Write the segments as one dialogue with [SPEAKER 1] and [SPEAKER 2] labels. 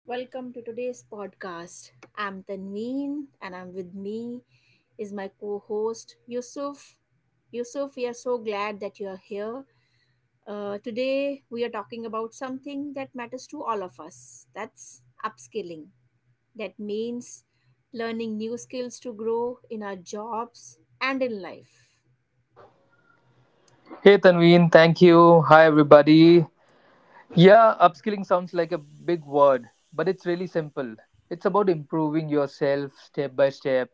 [SPEAKER 1] Welcome to today's podcast. I'm Tanveen and I'm with me is my co-host Yusuf. Yusuf, we are so glad that you are here. Today we are talking about something that matters to all of us. That's upskilling. That means learning new skills to grow in our jobs and in life.
[SPEAKER 2] Hey Tanveen, thank you. Hi everybody. Yeah, upskilling sounds like a big word, but it's really simple. It's about improving yourself step by step.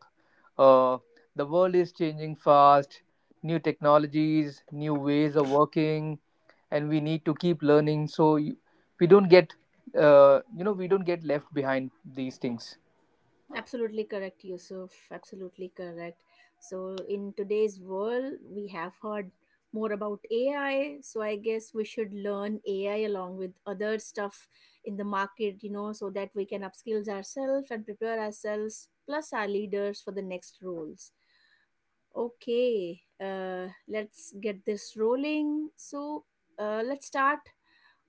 [SPEAKER 2] Uh, the world is changing fast, new technologies, new ways of working, and we need to keep learning we don't we don't get left behind these things.
[SPEAKER 1] Absolutely correct, Yusuf. Absolutely correct. So, in today's world, we have heard more about AI. So, I guess we should learn AI along with other stuff in the market, you know, so that we can upskill ourselves and prepare ourselves plus our leaders for the next roles. Okay, let's get this rolling. So, let's start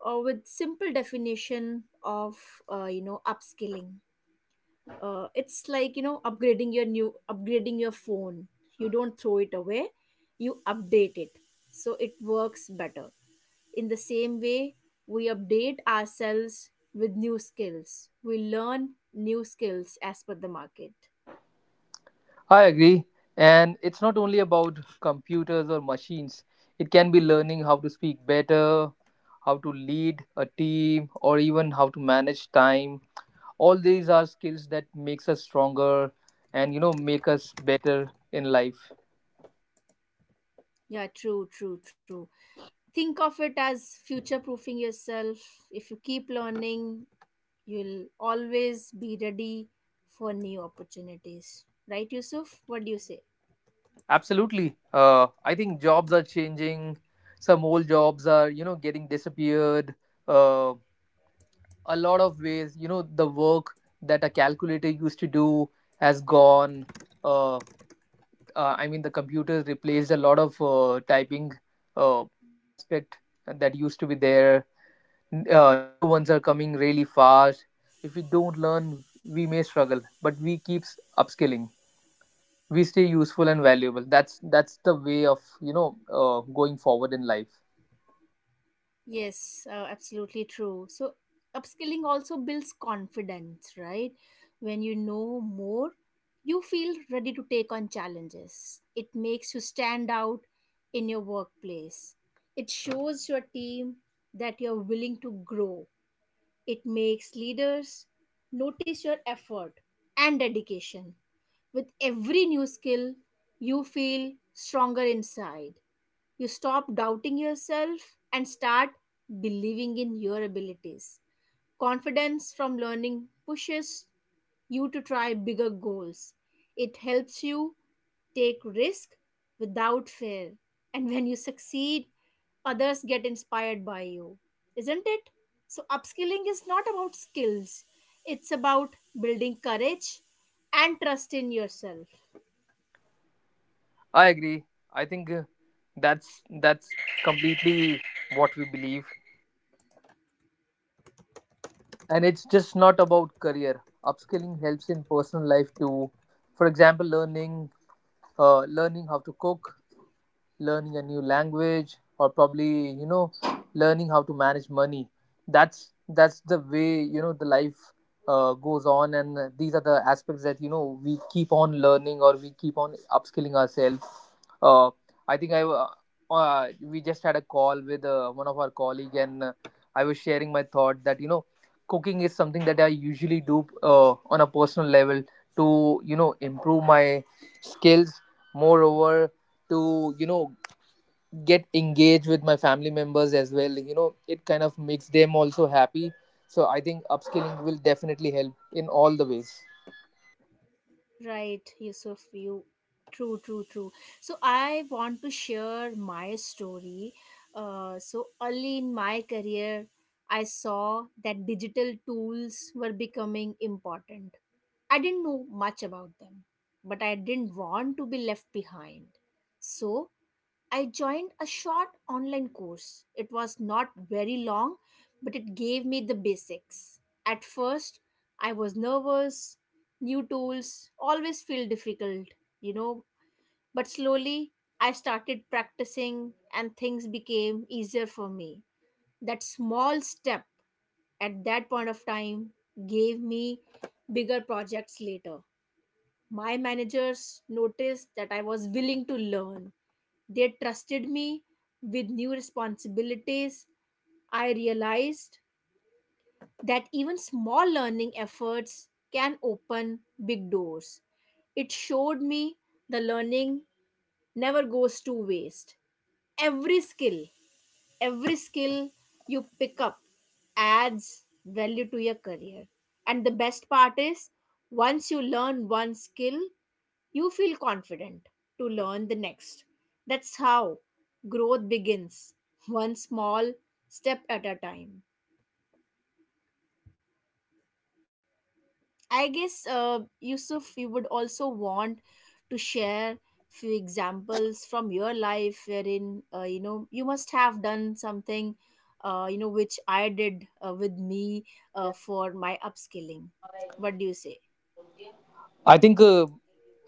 [SPEAKER 1] with simple definition of you know upskilling. It's like you know upgrading your phone. You don't throw it away, you update it so it works better. In the same way, we update ourselves with new skills, we learn new skills as per the market.
[SPEAKER 2] I agree. And it's not only about computers or machines, it can be learning how to speak better, how to lead a team, or even how to manage time. All these are skills that makes us stronger and you know make us better in life.
[SPEAKER 1] Yeah, true, true, true. Think of it as future proofing yourself. If you keep learning, you'll always be ready for new opportunities, right, Yusuf? What do you say?
[SPEAKER 2] Absolutely. I think jobs are changing. Some old jobs are you know getting disappeared. Uh, a lot of ways you know the work that a calculator used to do has gone uh, I mean the computer replaced a lot of typing uh, aspect that used to be there. Uh, new ones are coming really fast. If we don't learn we may struggle, but we keeps upskilling, we stay useful and valuable. That's the way of going forward in life.
[SPEAKER 1] Yes, absolutely true. So, upskilling also builds confidence, right? When you know more, you feel ready to take on challenges. It makes you stand out in your workplace. It shows your team that you're willing to grow, it makes leaders notice your effort and dedication. With every new skill, you feel stronger inside. You stop doubting yourself and start believing in your abilities. Confidence from learning pushes you to try bigger goals. It helps you take risk without fear. And when you succeed, others get inspired by you. Isn't it? So upskilling is not about skills. It's about building courage and trust in yourself.
[SPEAKER 2] I agree. I think uh, that's that's completely what we believe, and it's just not about career. Upskilling helps in personal life too. For example, learning learning how to cook, learning a new language, or probably you know learning how to manage money. That's the way you know the life goes on, and these are the aspects that you know we keep on learning, or we keep on upskilling ourselves. Uh, I think I We just had a call with one of our colleague, and I was sharing my thought that you know cooking is something that I usually do on a personal level to you know improve my skills, moreover to you know get engaged with my family members as well. You know, it kind of makes them also happy. So I think upskilling will definitely help in all the ways.
[SPEAKER 1] Right, Yusuf, you true, true, true. So I want to share my story. So early in my career, I saw that digital tools were becoming important. I didn't know much about them, but I didn't want to be left behind. So I joined a short online course. It was not very long, but it gave me the basics. At first, I was nervous, new tools always feel difficult, you know, but slowly I started practicing and things became easier for me. That small step at that point of time gave me bigger projects later. My managers noticed that I was willing to learn, they trusted me with new responsibilities. I realized that even small learning efforts can open big doors. It showed me the learning never goes to waste. Every skill every skill you pick up adds value to your career. And the best part is, once you learn one skill, you feel confident to learn the next. That's how growth begins, one small step at a time. I guess, Yusuf, you would also want to share few examples from your life wherein you know you must have done something, you know, which I did with me for my upskilling. What do you say?
[SPEAKER 2] I think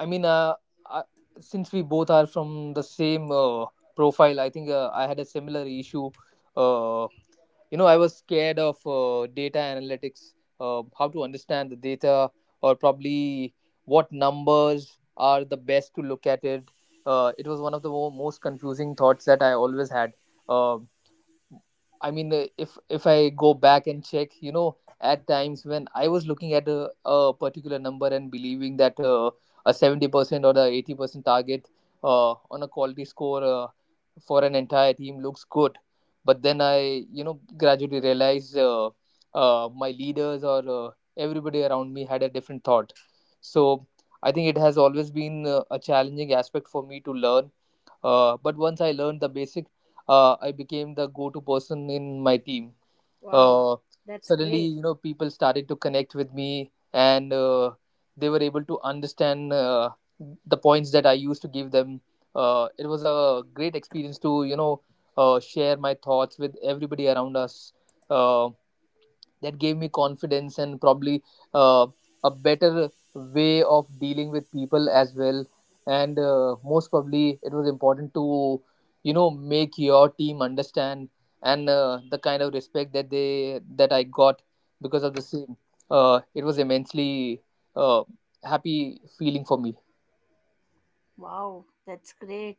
[SPEAKER 2] I mean I, Since we both are from the same profile, I think I had a similar issue. uh, you know, I was scared of data analytics, how to understand the data, or probably what numbers are the best to look at it. It was one of the most confusing thoughts that I always had. Uh, I mean, if I go back and check, you know, at times when I was looking at a particular number and believing that a 70% or the 80% target on a quality score for an entire team looks good, but then I, you know, gradually realized my leaders or everybody around me had a different thought. So I think it has always been a challenging aspect for me to learn. But once I learned the basic, I became the go-to person in my team.
[SPEAKER 1] Wow,
[SPEAKER 2] Uh,
[SPEAKER 1] that's
[SPEAKER 2] suddenly,
[SPEAKER 1] great.
[SPEAKER 2] you know, people started to connect with me, and they were able to understand the points that I used to give them. It was a great experience to, you know, share my thoughts with everybody around us. Um that gave me confidence, and probably uh, a better way of dealing with people as well, and most probably it was important to you know make your team understand, and the kind of respect that they that I got because of the same. It was immensely uh, happy feeling for me.
[SPEAKER 1] Wow, that's great.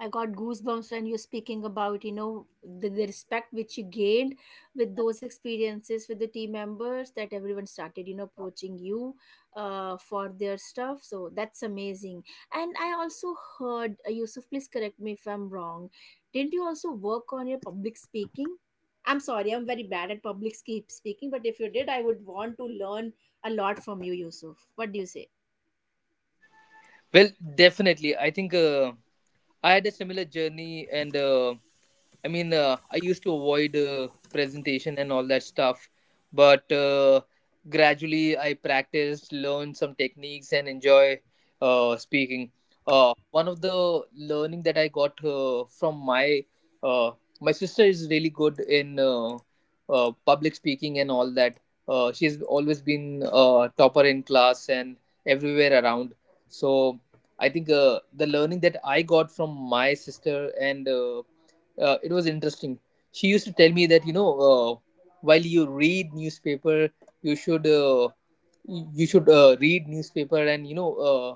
[SPEAKER 1] I got goosebumps when you're speaking about, you know, the respect which you gained with those experiences with the team members that everyone started, you know, approaching you for their stuff. So that's amazing. And I also heard, Yusuf, please correct me if I'm wrong. Didn't you also work on your public speaking? I'm sorry, I'm very bad at public speaking, but if you did, I would want to learn a lot from you, Yusuf. What do you say?
[SPEAKER 2] Well, definitely I think, I had a similar journey, and I mean, I used to avoid presentation and all that stuff, but gradually I practiced, learned some techniques, and enjoy speaking. One of the learning that I got from uh, my sister is really good in public speaking and all that. She's always been a topper in class and everywhere around. So I think the learning that I got from my sister, and it was interesting. She used to tell me that, you know, while you read newspaper, you should read newspaper, and you know,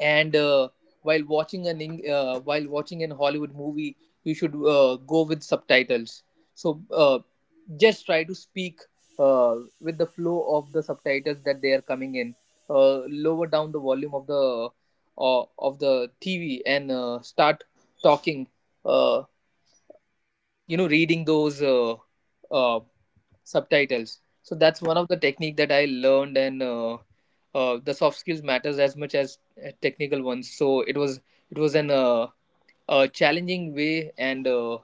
[SPEAKER 2] and while watching while watching an Hollywood movie, you should go with subtitles. So just try to speak with the flow of the subtitles that they are coming in. Lower down the volume of the TV, and start talking. Uh, you know, reading those uh, subtitles. So that's one of the technique that I learned, and the soft skills matters as much as technical ones. So it was an a challenging way and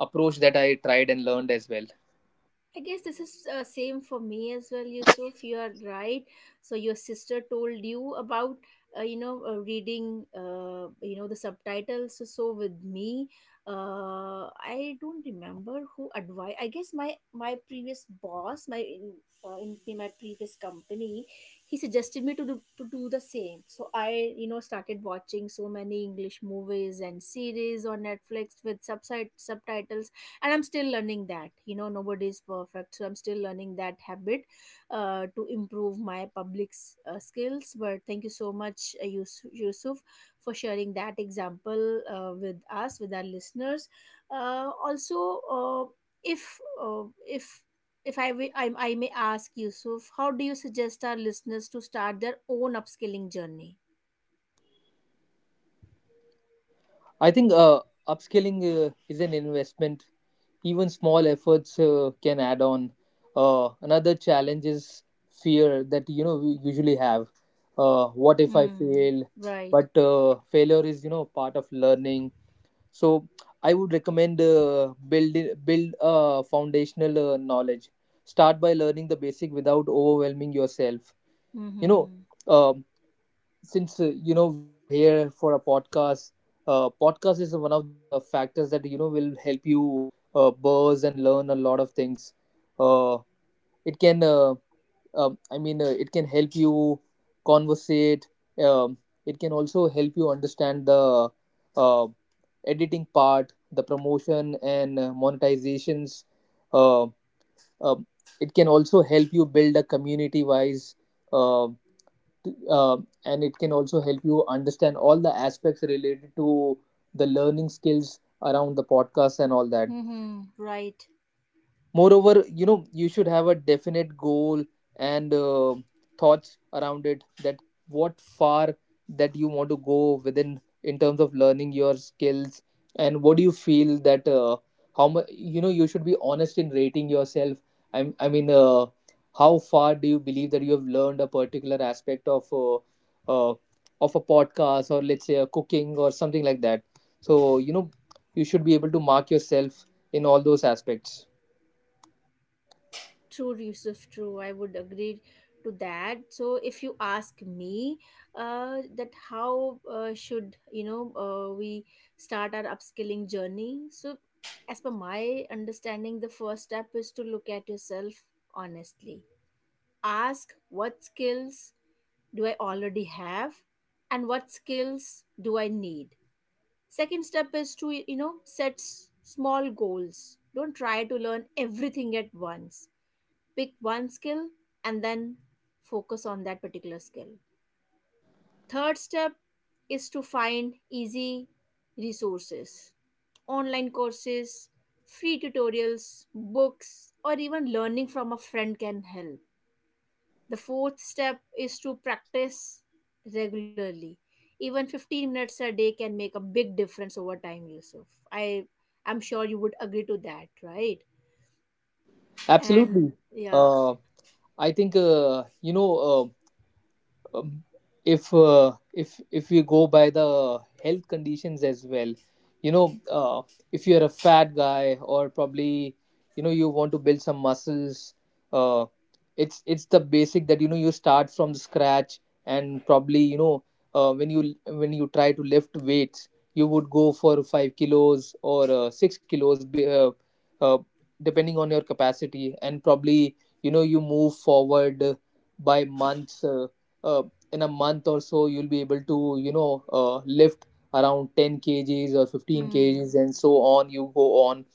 [SPEAKER 2] approach that I tried and learned as well.
[SPEAKER 1] I guess this is same for me as well, Yusuf. You are right. So your sister told you about you know reading, you know, the subtitles. So, so with me, I don't remember who advised. I guess my previous boss, in in my previous company, he suggested me to do the same. So I you know started watching so many English movies and series on Netflix with subside subtitles, and I'm still learning that, you know, nobody is perfect, so I'm still learning that habit to improve my public skills. But thank you so much, Yusuf, for sharing that example with us, with our listeners. Uh, also if uh, if if I, wi- I may ask, Yusuf, how do you suggest our listeners to start their own upskilling journey?
[SPEAKER 2] I think Upskilling is an investment. Even small efforts can add on. Another challenge is fear that, you know, we usually have, what if I
[SPEAKER 1] Hmm.
[SPEAKER 2] fail?
[SPEAKER 1] Right.
[SPEAKER 2] But failure is, you know, part of learning. So I would recommend, build a foundational knowledge. Start by learning the basic without overwhelming yourself. you know
[SPEAKER 1] Mm-hmm.
[SPEAKER 2] um since you know we are here for a podcast, podcast is one of the factors that you know will help you buzz and learn a lot of things. uh, it can uh, it can help you conversate. um, it can also help you understand the uh, editing part, the promotion, and monetizations. uh, um, it can also help you build a community wise. Um uh, and it can also help you understand all the aspects related to the learning skills around the podcast and all that.
[SPEAKER 1] Mm-hmm. Right.
[SPEAKER 2] Moreover, you know, you should have a definite goal, and thoughts around it, that what far that you want to go within in terms of learning your skills, and what do you feel that how much you know you should be honest in rating yourself. I mean, how far do you believe that you have learned a particular aspect uh, of a podcast, or let's say a cooking or something like that. So you know you should be able to mark yourself in all those aspects.
[SPEAKER 1] True, Yusuf, true. I would agree to that. So, if you ask me, that how should you know we start our upskilling journey? So, as per my understanding, the first step is to look at yourself honestly. Ask what skills do I already have, and what skills do I need. Second step is to you know set small goals. Don't try to learn everything at once, pick one skill and then focus on that particular skill. Third step is to find easy resources, online courses, free tutorials, books, or even learning from a friend can help. The fourth step is to practice regularly. Even 15 minutes a day can make a big difference over time, Yusuf. I I'm sure you would agree to that, right? And
[SPEAKER 2] Absolutely.
[SPEAKER 1] yeah.
[SPEAKER 2] Uh, I think, um, if you go by the health conditions as well, you know, if you're a fat guy, or probably you know you want to build some muscles, uh, it's the basic that you know you start from scratch, and probably you know when you try to lift weights, you would go for 5 kilos or 6 kilos uh, depending on your capacity, and probably you know you move forward by months uh, in a month or so you'll be able to you know lift around 10 kgs or 15 kgs,
[SPEAKER 1] Hmm.
[SPEAKER 2] and so on you go on.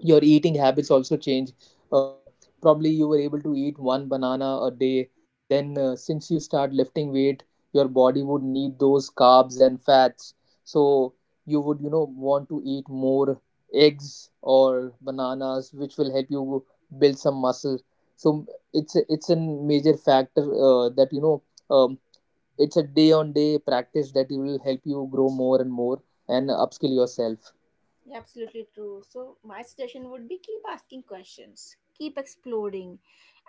[SPEAKER 2] Your eating habits also change. uh, Probably you were able to eat one banana a day, then since you start lifting weight, your body would need those carbs and fats. So you would you know want to eat more eggs or bananas, which will help you build some muscle. So it's a major factor that you know, um, it's a day on day practice that will help you grow more and more and upskill yourself.
[SPEAKER 1] Yeah, absolutely true. So my suggestion would be keep asking questions, keep exploring,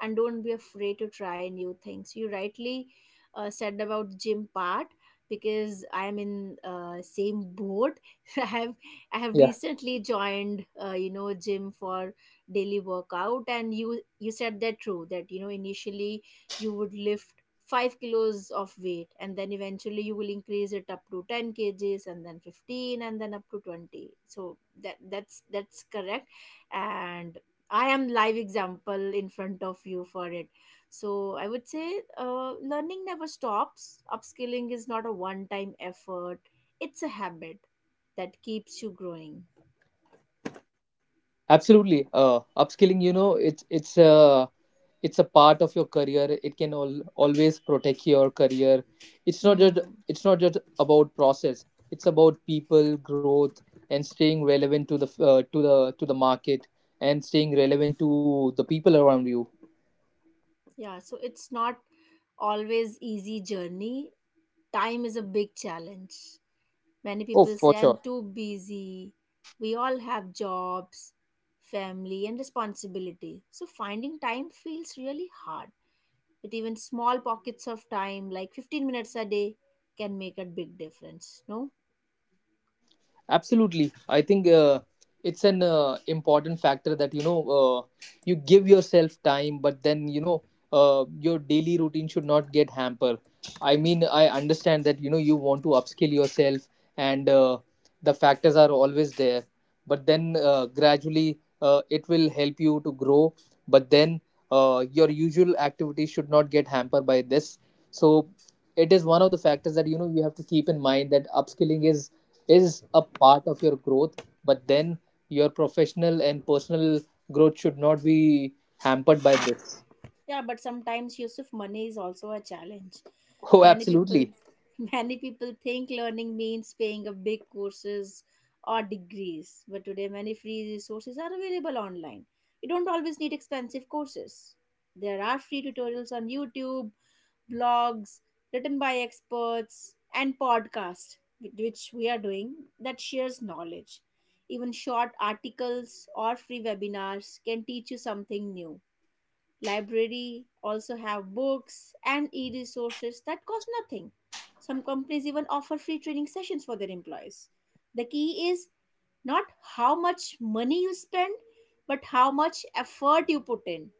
[SPEAKER 1] and don't be afraid to try new things. You rightly said about gym part because I am in same boat. I have I have
[SPEAKER 2] Yeah,
[SPEAKER 1] recently joined you know gym for daily workout, and you said that true that you know initially you would lift 5 kilos of weight and then eventually you will increase it up to 10 kgs and then 15 and then up to 20. So that's correct, and I am live example in front of you for it. So I would say, learning never stops, upskilling is not a one time effort, it's a habit that keeps you growing.
[SPEAKER 2] absolutely. Upskilling, you know, it's a part of your career. It can always protect your career. it's not just
[SPEAKER 1] Hmm.
[SPEAKER 2] it's not just about process, it's about people growth, and staying relevant to the to the market, and staying relevant to the people around you.
[SPEAKER 1] Yeah, so it's not always easy journey. Time is a big challenge, many
[SPEAKER 2] Oh,
[SPEAKER 1] people
[SPEAKER 2] for
[SPEAKER 1] say
[SPEAKER 2] sure.
[SPEAKER 1] I'm too busy. We all have jobs, family and responsibility, so finding time feels really hard. But even small pockets of time like 15 minutes a day can make a big difference, no?
[SPEAKER 2] Absolutely, I think it's an important factor that you know you give yourself time, but then you know your daily routine should not get hampered. I mean, I understand that you know you want to upskill yourself, and the factors are always there. But then gradually it will help you to grow. But then your usual activities should not get hampered by this. So it is one of the factors that you know you have to keep in mind that upskilling is a part of your growth, but then your professional and personal growth should not be hampered by this.
[SPEAKER 1] Yeah, but sometimes use of money is also a challenge.
[SPEAKER 2] Oh,
[SPEAKER 1] Many people
[SPEAKER 2] absolutely.
[SPEAKER 1] many people think learning means paying a big courses or degrees, but today many free resources are available online. You don't always need expensive courses. There are free tutorials on YouTube, blogs written by experts, and podcasts which we are doing that shares knowledge. Even short articles or free webinars can teach you something new. Library also have books and e-resources that cost nothing. Some companies even offer free training sessions for their employees. The key is not how much money you spend, but how much effort you put in.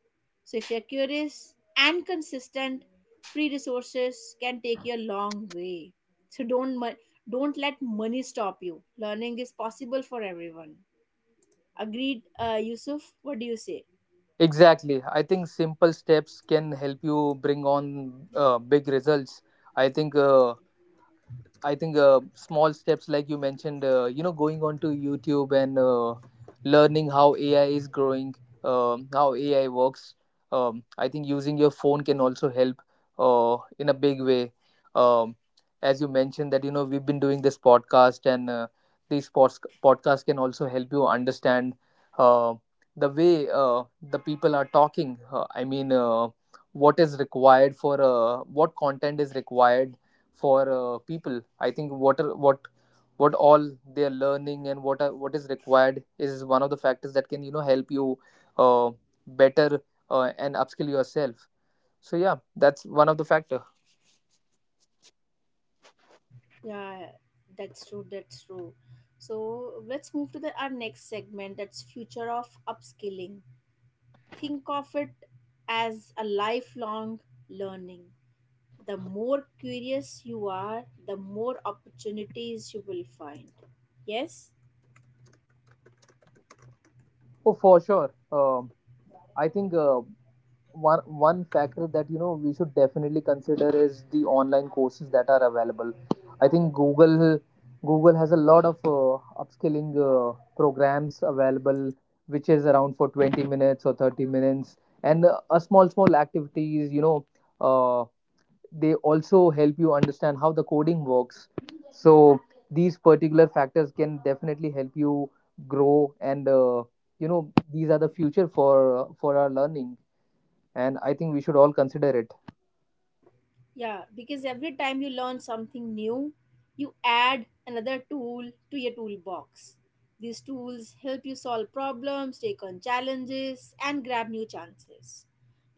[SPEAKER 1] So if you're curious and consistent, free resources can take you a long way. So don't let money stop you. Learning is possible for everyone. Agreed, Yusuf? What do you say?
[SPEAKER 2] Exactly, I think simple steps can help you bring on big results. i think uh, I think small steps like you mentioned, you know, going on to YouTube and learning how AI is growing, how AI works. I think using your phone can also help in a big way. Um, as you mentioned that you know we've been doing this podcast, and podcasts can also help you understand uh, the way the people are talking. I mean, what is required for what content is required for people. I think what all they are learning, and what is required is one of the factors that can you know help you uh, better and upskill yourself. So yeah, that's one of the factor.
[SPEAKER 1] Yeah, that's true. That's true. So let's move to the our next segment. That's future of upskilling. Think of it as a lifelong learning. The more curious you are, the more opportunities you will find. Yes.
[SPEAKER 2] Oh, for sure. I think one factor that you know we should definitely consider is the online courses that are available. I think google has a lot of upskilling programs available, which is around for 20 minutes or 30 minutes, and a small activities, you know, uh, they also help you understand how the coding works. So these particular factors can definitely help you grow, and you know, these are the future for our learning, and I think we should all consider it.
[SPEAKER 1] Yeah, because every time you learn something new, you add another tool to your toolbox. These tools help you solve problems, take on challenges, and grab new chances.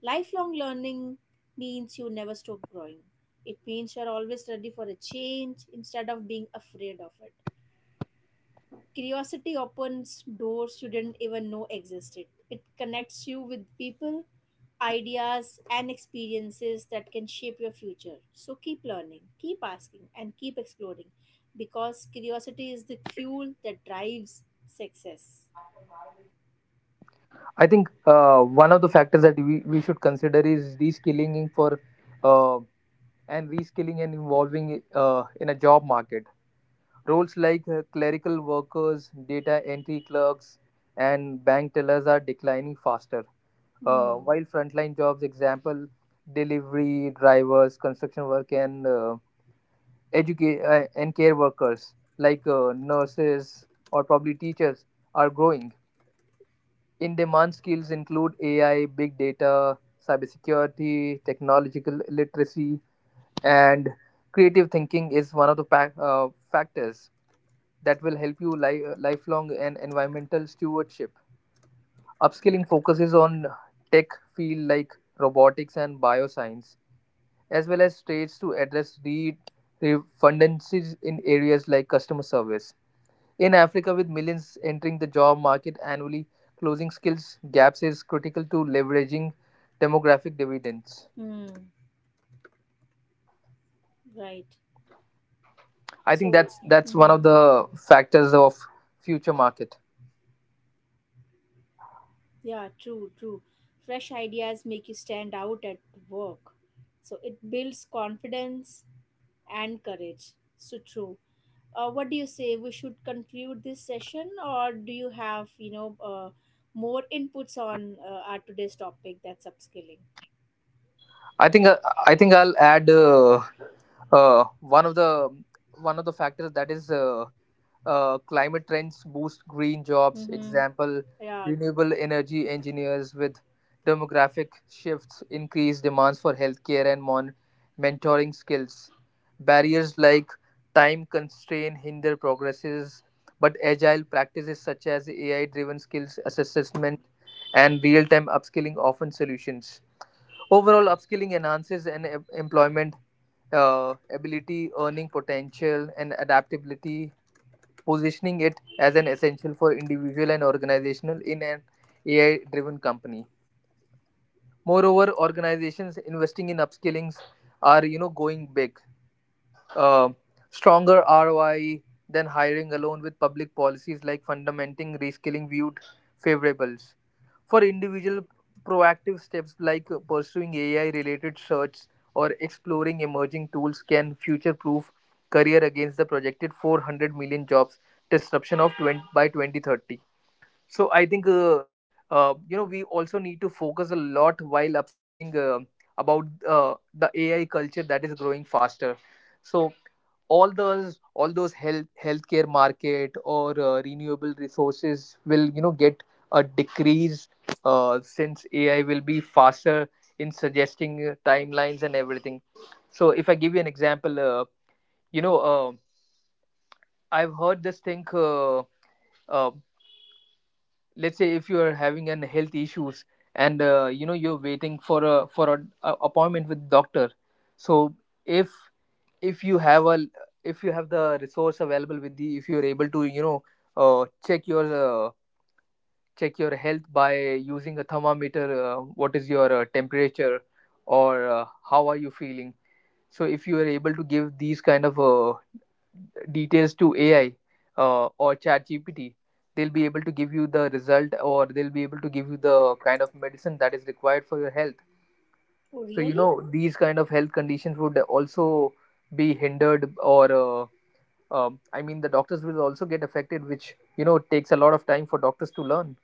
[SPEAKER 1] Lifelong learning means you never stop growing. It means you're always ready for a change instead of being afraid of it. Curiosity opens doors you didn't even know existed. It connects you with people, ideas, and experiences that can shape your future. So keep learning, keep asking, and keep exploring because curiosity is the fuel that drives success.
[SPEAKER 2] I think one of the factors that we should consider is reskilling for uh, and reskilling and evolving in a job market. Roles like clerical workers, data entry clerks, and bank tellers are declining faster.
[SPEAKER 1] Hmm.
[SPEAKER 2] While frontline jobs, example, delivery drivers, construction work, and educate and care workers like nurses or probably teachers are growing. In demand skills include AI, big data, cybersecurity, technological literacy, and creative thinking is one of the factors that will help you lifelong and environmental stewardship. Upskilling focuses on tech field like robotics and bioscience, as well as trades to address redundancies in areas like customer service. In Africa, with millions entering the job market annually, closing skills gaps is critical to leveraging demographic dividends.
[SPEAKER 1] Hmm. Right.
[SPEAKER 2] I think
[SPEAKER 1] So,
[SPEAKER 2] that's one
[SPEAKER 1] mhm.
[SPEAKER 2] of the factors of future market.
[SPEAKER 1] Yeah, true, true. Fresh ideas make you stand out at work. So it builds confidence and courage. So true. What do you say? We should conclude this session, or do you have you know more inputs on our today's topic? That's upskilling.
[SPEAKER 2] I think uh, I think I'll add uh, one of the one of the factors that is climate trends boost green jobs.
[SPEAKER 1] Mm-hmm.
[SPEAKER 2] Example,
[SPEAKER 1] Yeah.
[SPEAKER 2] renewable energy engineers with demographic shifts increase demands for healthcare and mentoring skills. Barriers like time constraint hinder progresses, but agile practices such as AI-driven skills assessment and real-time upskilling often solutions. Overall, upskilling enhances an employment ability, earning potential, and adaptability, positioning it as an essential for individual and organizational in an AI driven company. Moreover, organizations investing in upskillings are, you know, going big. Uh, Stronger ROI than hiring alone, with public policies like fundamenting reskilling viewed favorable for individual proactive steps like pursuing ai related search or exploring emerging tools can future proof career against the projected 400 million jobs disruption of 20, by 2030. So I think you know, we also need to focus a lot while upskilling about the AI culture that is growing faster. So all those healthcare market or renewable resources will, you know, get a decrease since AI will be faster in suggesting timelines and everything. So if I give you an example, you know, I've heard this thing. Uh, let's say if you are having an health issues, and you know, you're waiting for a appointment with doctor. So if if you have a if you have the resource available with you, if you're able to, you know, uh, check your uh, check your health by using a thermometer. What is your temperature, or how are you feeling? So if you are able to give these kind of details to AI, or ChatGPT, they'll be able to give you the result, or they'll be able to give you the kind of medicine that is required for your health.
[SPEAKER 1] Oh,
[SPEAKER 2] So, you
[SPEAKER 1] really?
[SPEAKER 2] know, these kind of health conditions would also be hindered, or I mean, the doctors will also get affected, which, you know, takes a lot of time for doctors to learn.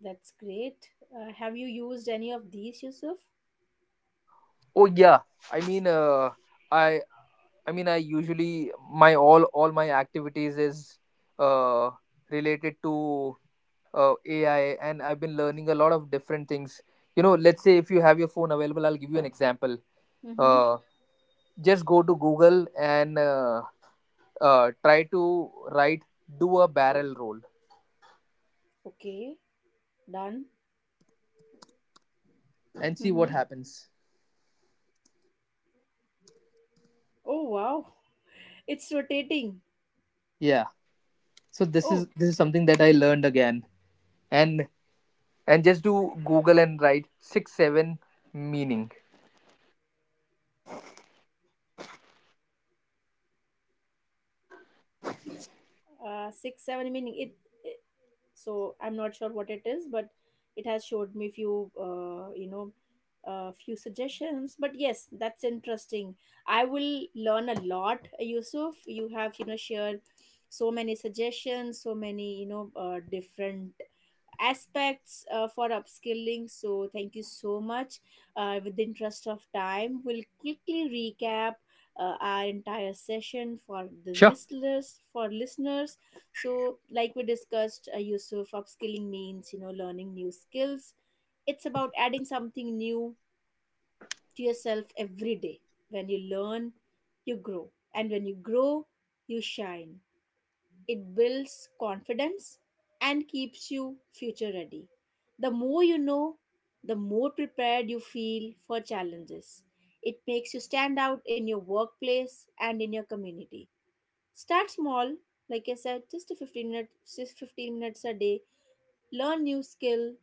[SPEAKER 1] That's great. Have you used any of these, Yusuf?
[SPEAKER 2] Oh, yeah. I mean, I. I usually my all my activities is uh, related to AI, and I've been learning a lot of different things. You know, let's say if you have your phone available, I'll give you an example.
[SPEAKER 1] Mm-hmm.
[SPEAKER 2] Uh, just go to Google and try to write "do a barrel roll"
[SPEAKER 1] Okay. Done.
[SPEAKER 2] and see what
[SPEAKER 1] Mm-hmm.
[SPEAKER 2] happens.
[SPEAKER 1] Oh wow! It's rotating.
[SPEAKER 2] Yeah. So this is
[SPEAKER 1] Oh,
[SPEAKER 2] this is something that I learned again, and and just do Google and write "6 7" meaning.
[SPEAKER 1] six, seven meaning it. So I'm not sure what it is, but it has showed me few you know few suggestions, but yes, that's interesting. I will learn a lot. Yusuf, you have you know shared so many suggestions, so many you know different aspects for upskilling. So, thank you so much. With the interest of time, we'll quickly recap our entire session for the
[SPEAKER 2] Sure.
[SPEAKER 1] listeners. For listeners, so like we discussed, Yusuf, upskilling means you know learning new skills. It's about adding something new to yourself every day. When you learn, you grow, and when you grow, you shine. It builds confidence and keeps you future ready. The more you know, the more prepared you feel for challenges. It makes you stand out in your workplace and in your community. Start small, like I said, just a 15 minutes, just 15 minutes a day. Learn new skill,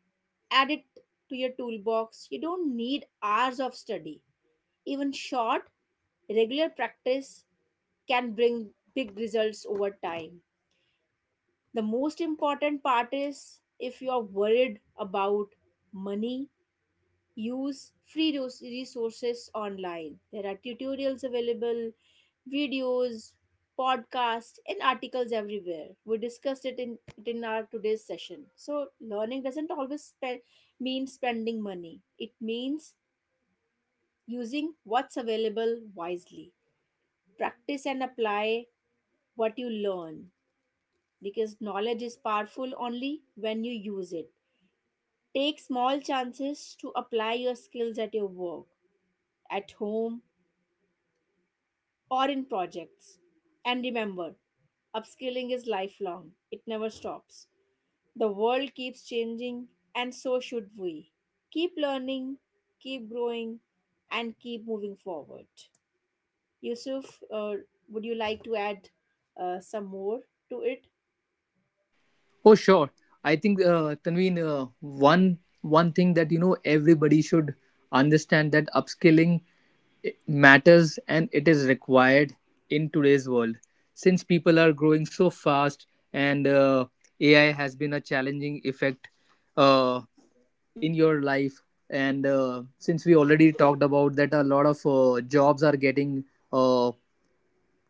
[SPEAKER 1] add it to your toolbox. You don't need hours of study. Even short, regular practice can bring big results over time. The most important part is if you are worried about money, use free resources online. There are tutorials available, videos, podcasts, and articles everywhere. We discussed it in our today's session. So, learning doesn't mean spending money, it means using what's available wisely. Practice and apply what you learn because knowledge is powerful only when you use it. Take small chances to apply your skills at your work, at home, or in projects. And remember, upskilling is lifelong, it never stops. The world keeps changing, and so should we. Keep learning, keep growing, and keep moving forward. Yusuf, would you like to add some more to it?
[SPEAKER 2] Oh, sure. I think, Tanveen, one thing that you know everybody should understand, that upskilling matters and it is required in today's world. Since people are growing so fast, and AI has been a challenging effect uh, in your life. And since we already talked about that, a lot of jobs are getting uh,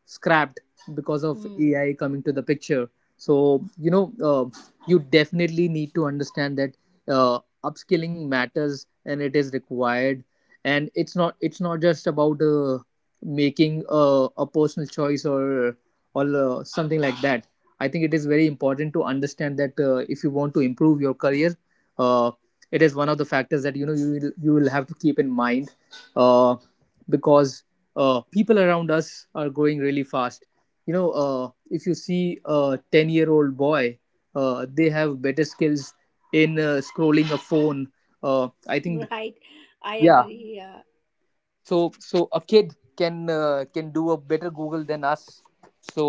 [SPEAKER 2] scrapped because of
[SPEAKER 1] Hmm.
[SPEAKER 2] AI coming to the picture. So you know, you definitely need to understand that upskilling matters and it is required. And it's not just about making a personal choice, or something like that. I think it is very important to understand that if you want to improve your career, uh, it is one of the factors that you know you will have to keep in mind. Uh, because people around us are growing really fast. You know, if you see a 10-year-old boy, they have better skills in scrolling a phone. I think,
[SPEAKER 1] Right, I
[SPEAKER 2] yeah,
[SPEAKER 1] agree. Yeah.
[SPEAKER 2] so a kid can do a better google than us. So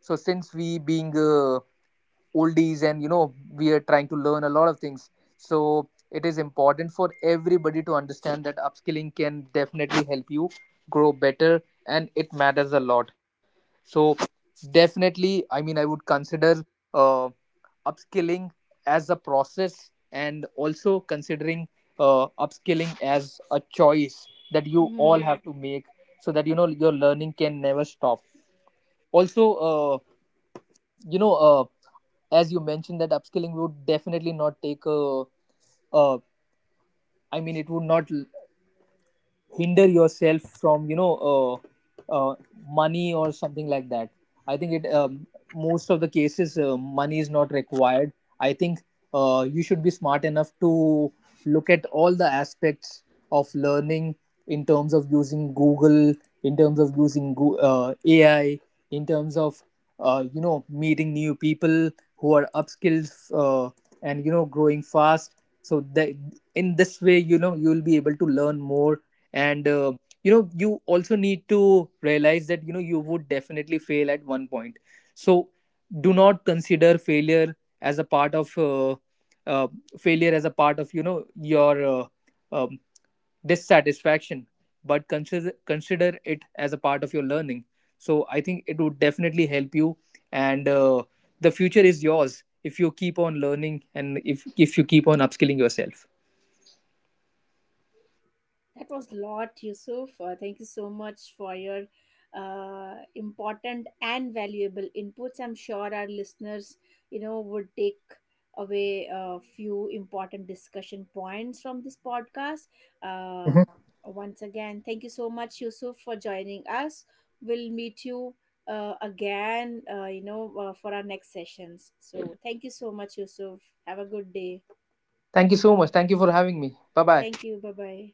[SPEAKER 2] so since we being oldies, and you know we are trying to learn a lot of things, so it is important for everybody to understand that upskilling can definitely help you grow better, and it matters a lot. So definitely, I mean I would consider uh, upskilling as a process, and also considering upskilling as a choice that you all
[SPEAKER 1] Hmm.
[SPEAKER 2] have to make, so that you know your learning can never stop. Also you know, as you mentioned that upskilling would definitely not take a uh, I mean, it would not hinder yourself from, you know, uh, money or something like that. I think it most of the cases money is not required. I think you should be smart enough to look at all the aspects of learning, in terms of using google, in terms of using ai, in terms of you know, meeting new people who are upskilled, and you know, growing fast, so that in this way you know you will be able to learn more. And you know, you also need to realize that you know you would definitely fail at one point. So do not consider as a part of uh, uh, failure as a part of, you know, your um, dissatisfaction, but consider it as a part of your learning. So I think it would definitely help you. And the future is yours if you keep on learning, and if you keep on upskilling yourself.
[SPEAKER 1] That was a lot, Yusuf. Thank you so much for your important and valuable inputs. I'm sure our listeners, you know, would take away a few important discussion points from this podcast. Uh,
[SPEAKER 2] Mhm.
[SPEAKER 1] once again, thank you so much, Yusuf, for joining us. We'll meet you again, you know, for our next sessions. So thank you so much, Yusuf. Have a good day.
[SPEAKER 2] Thank you so much, thank you for having me. Bye bye.
[SPEAKER 1] Thank you. Bye bye.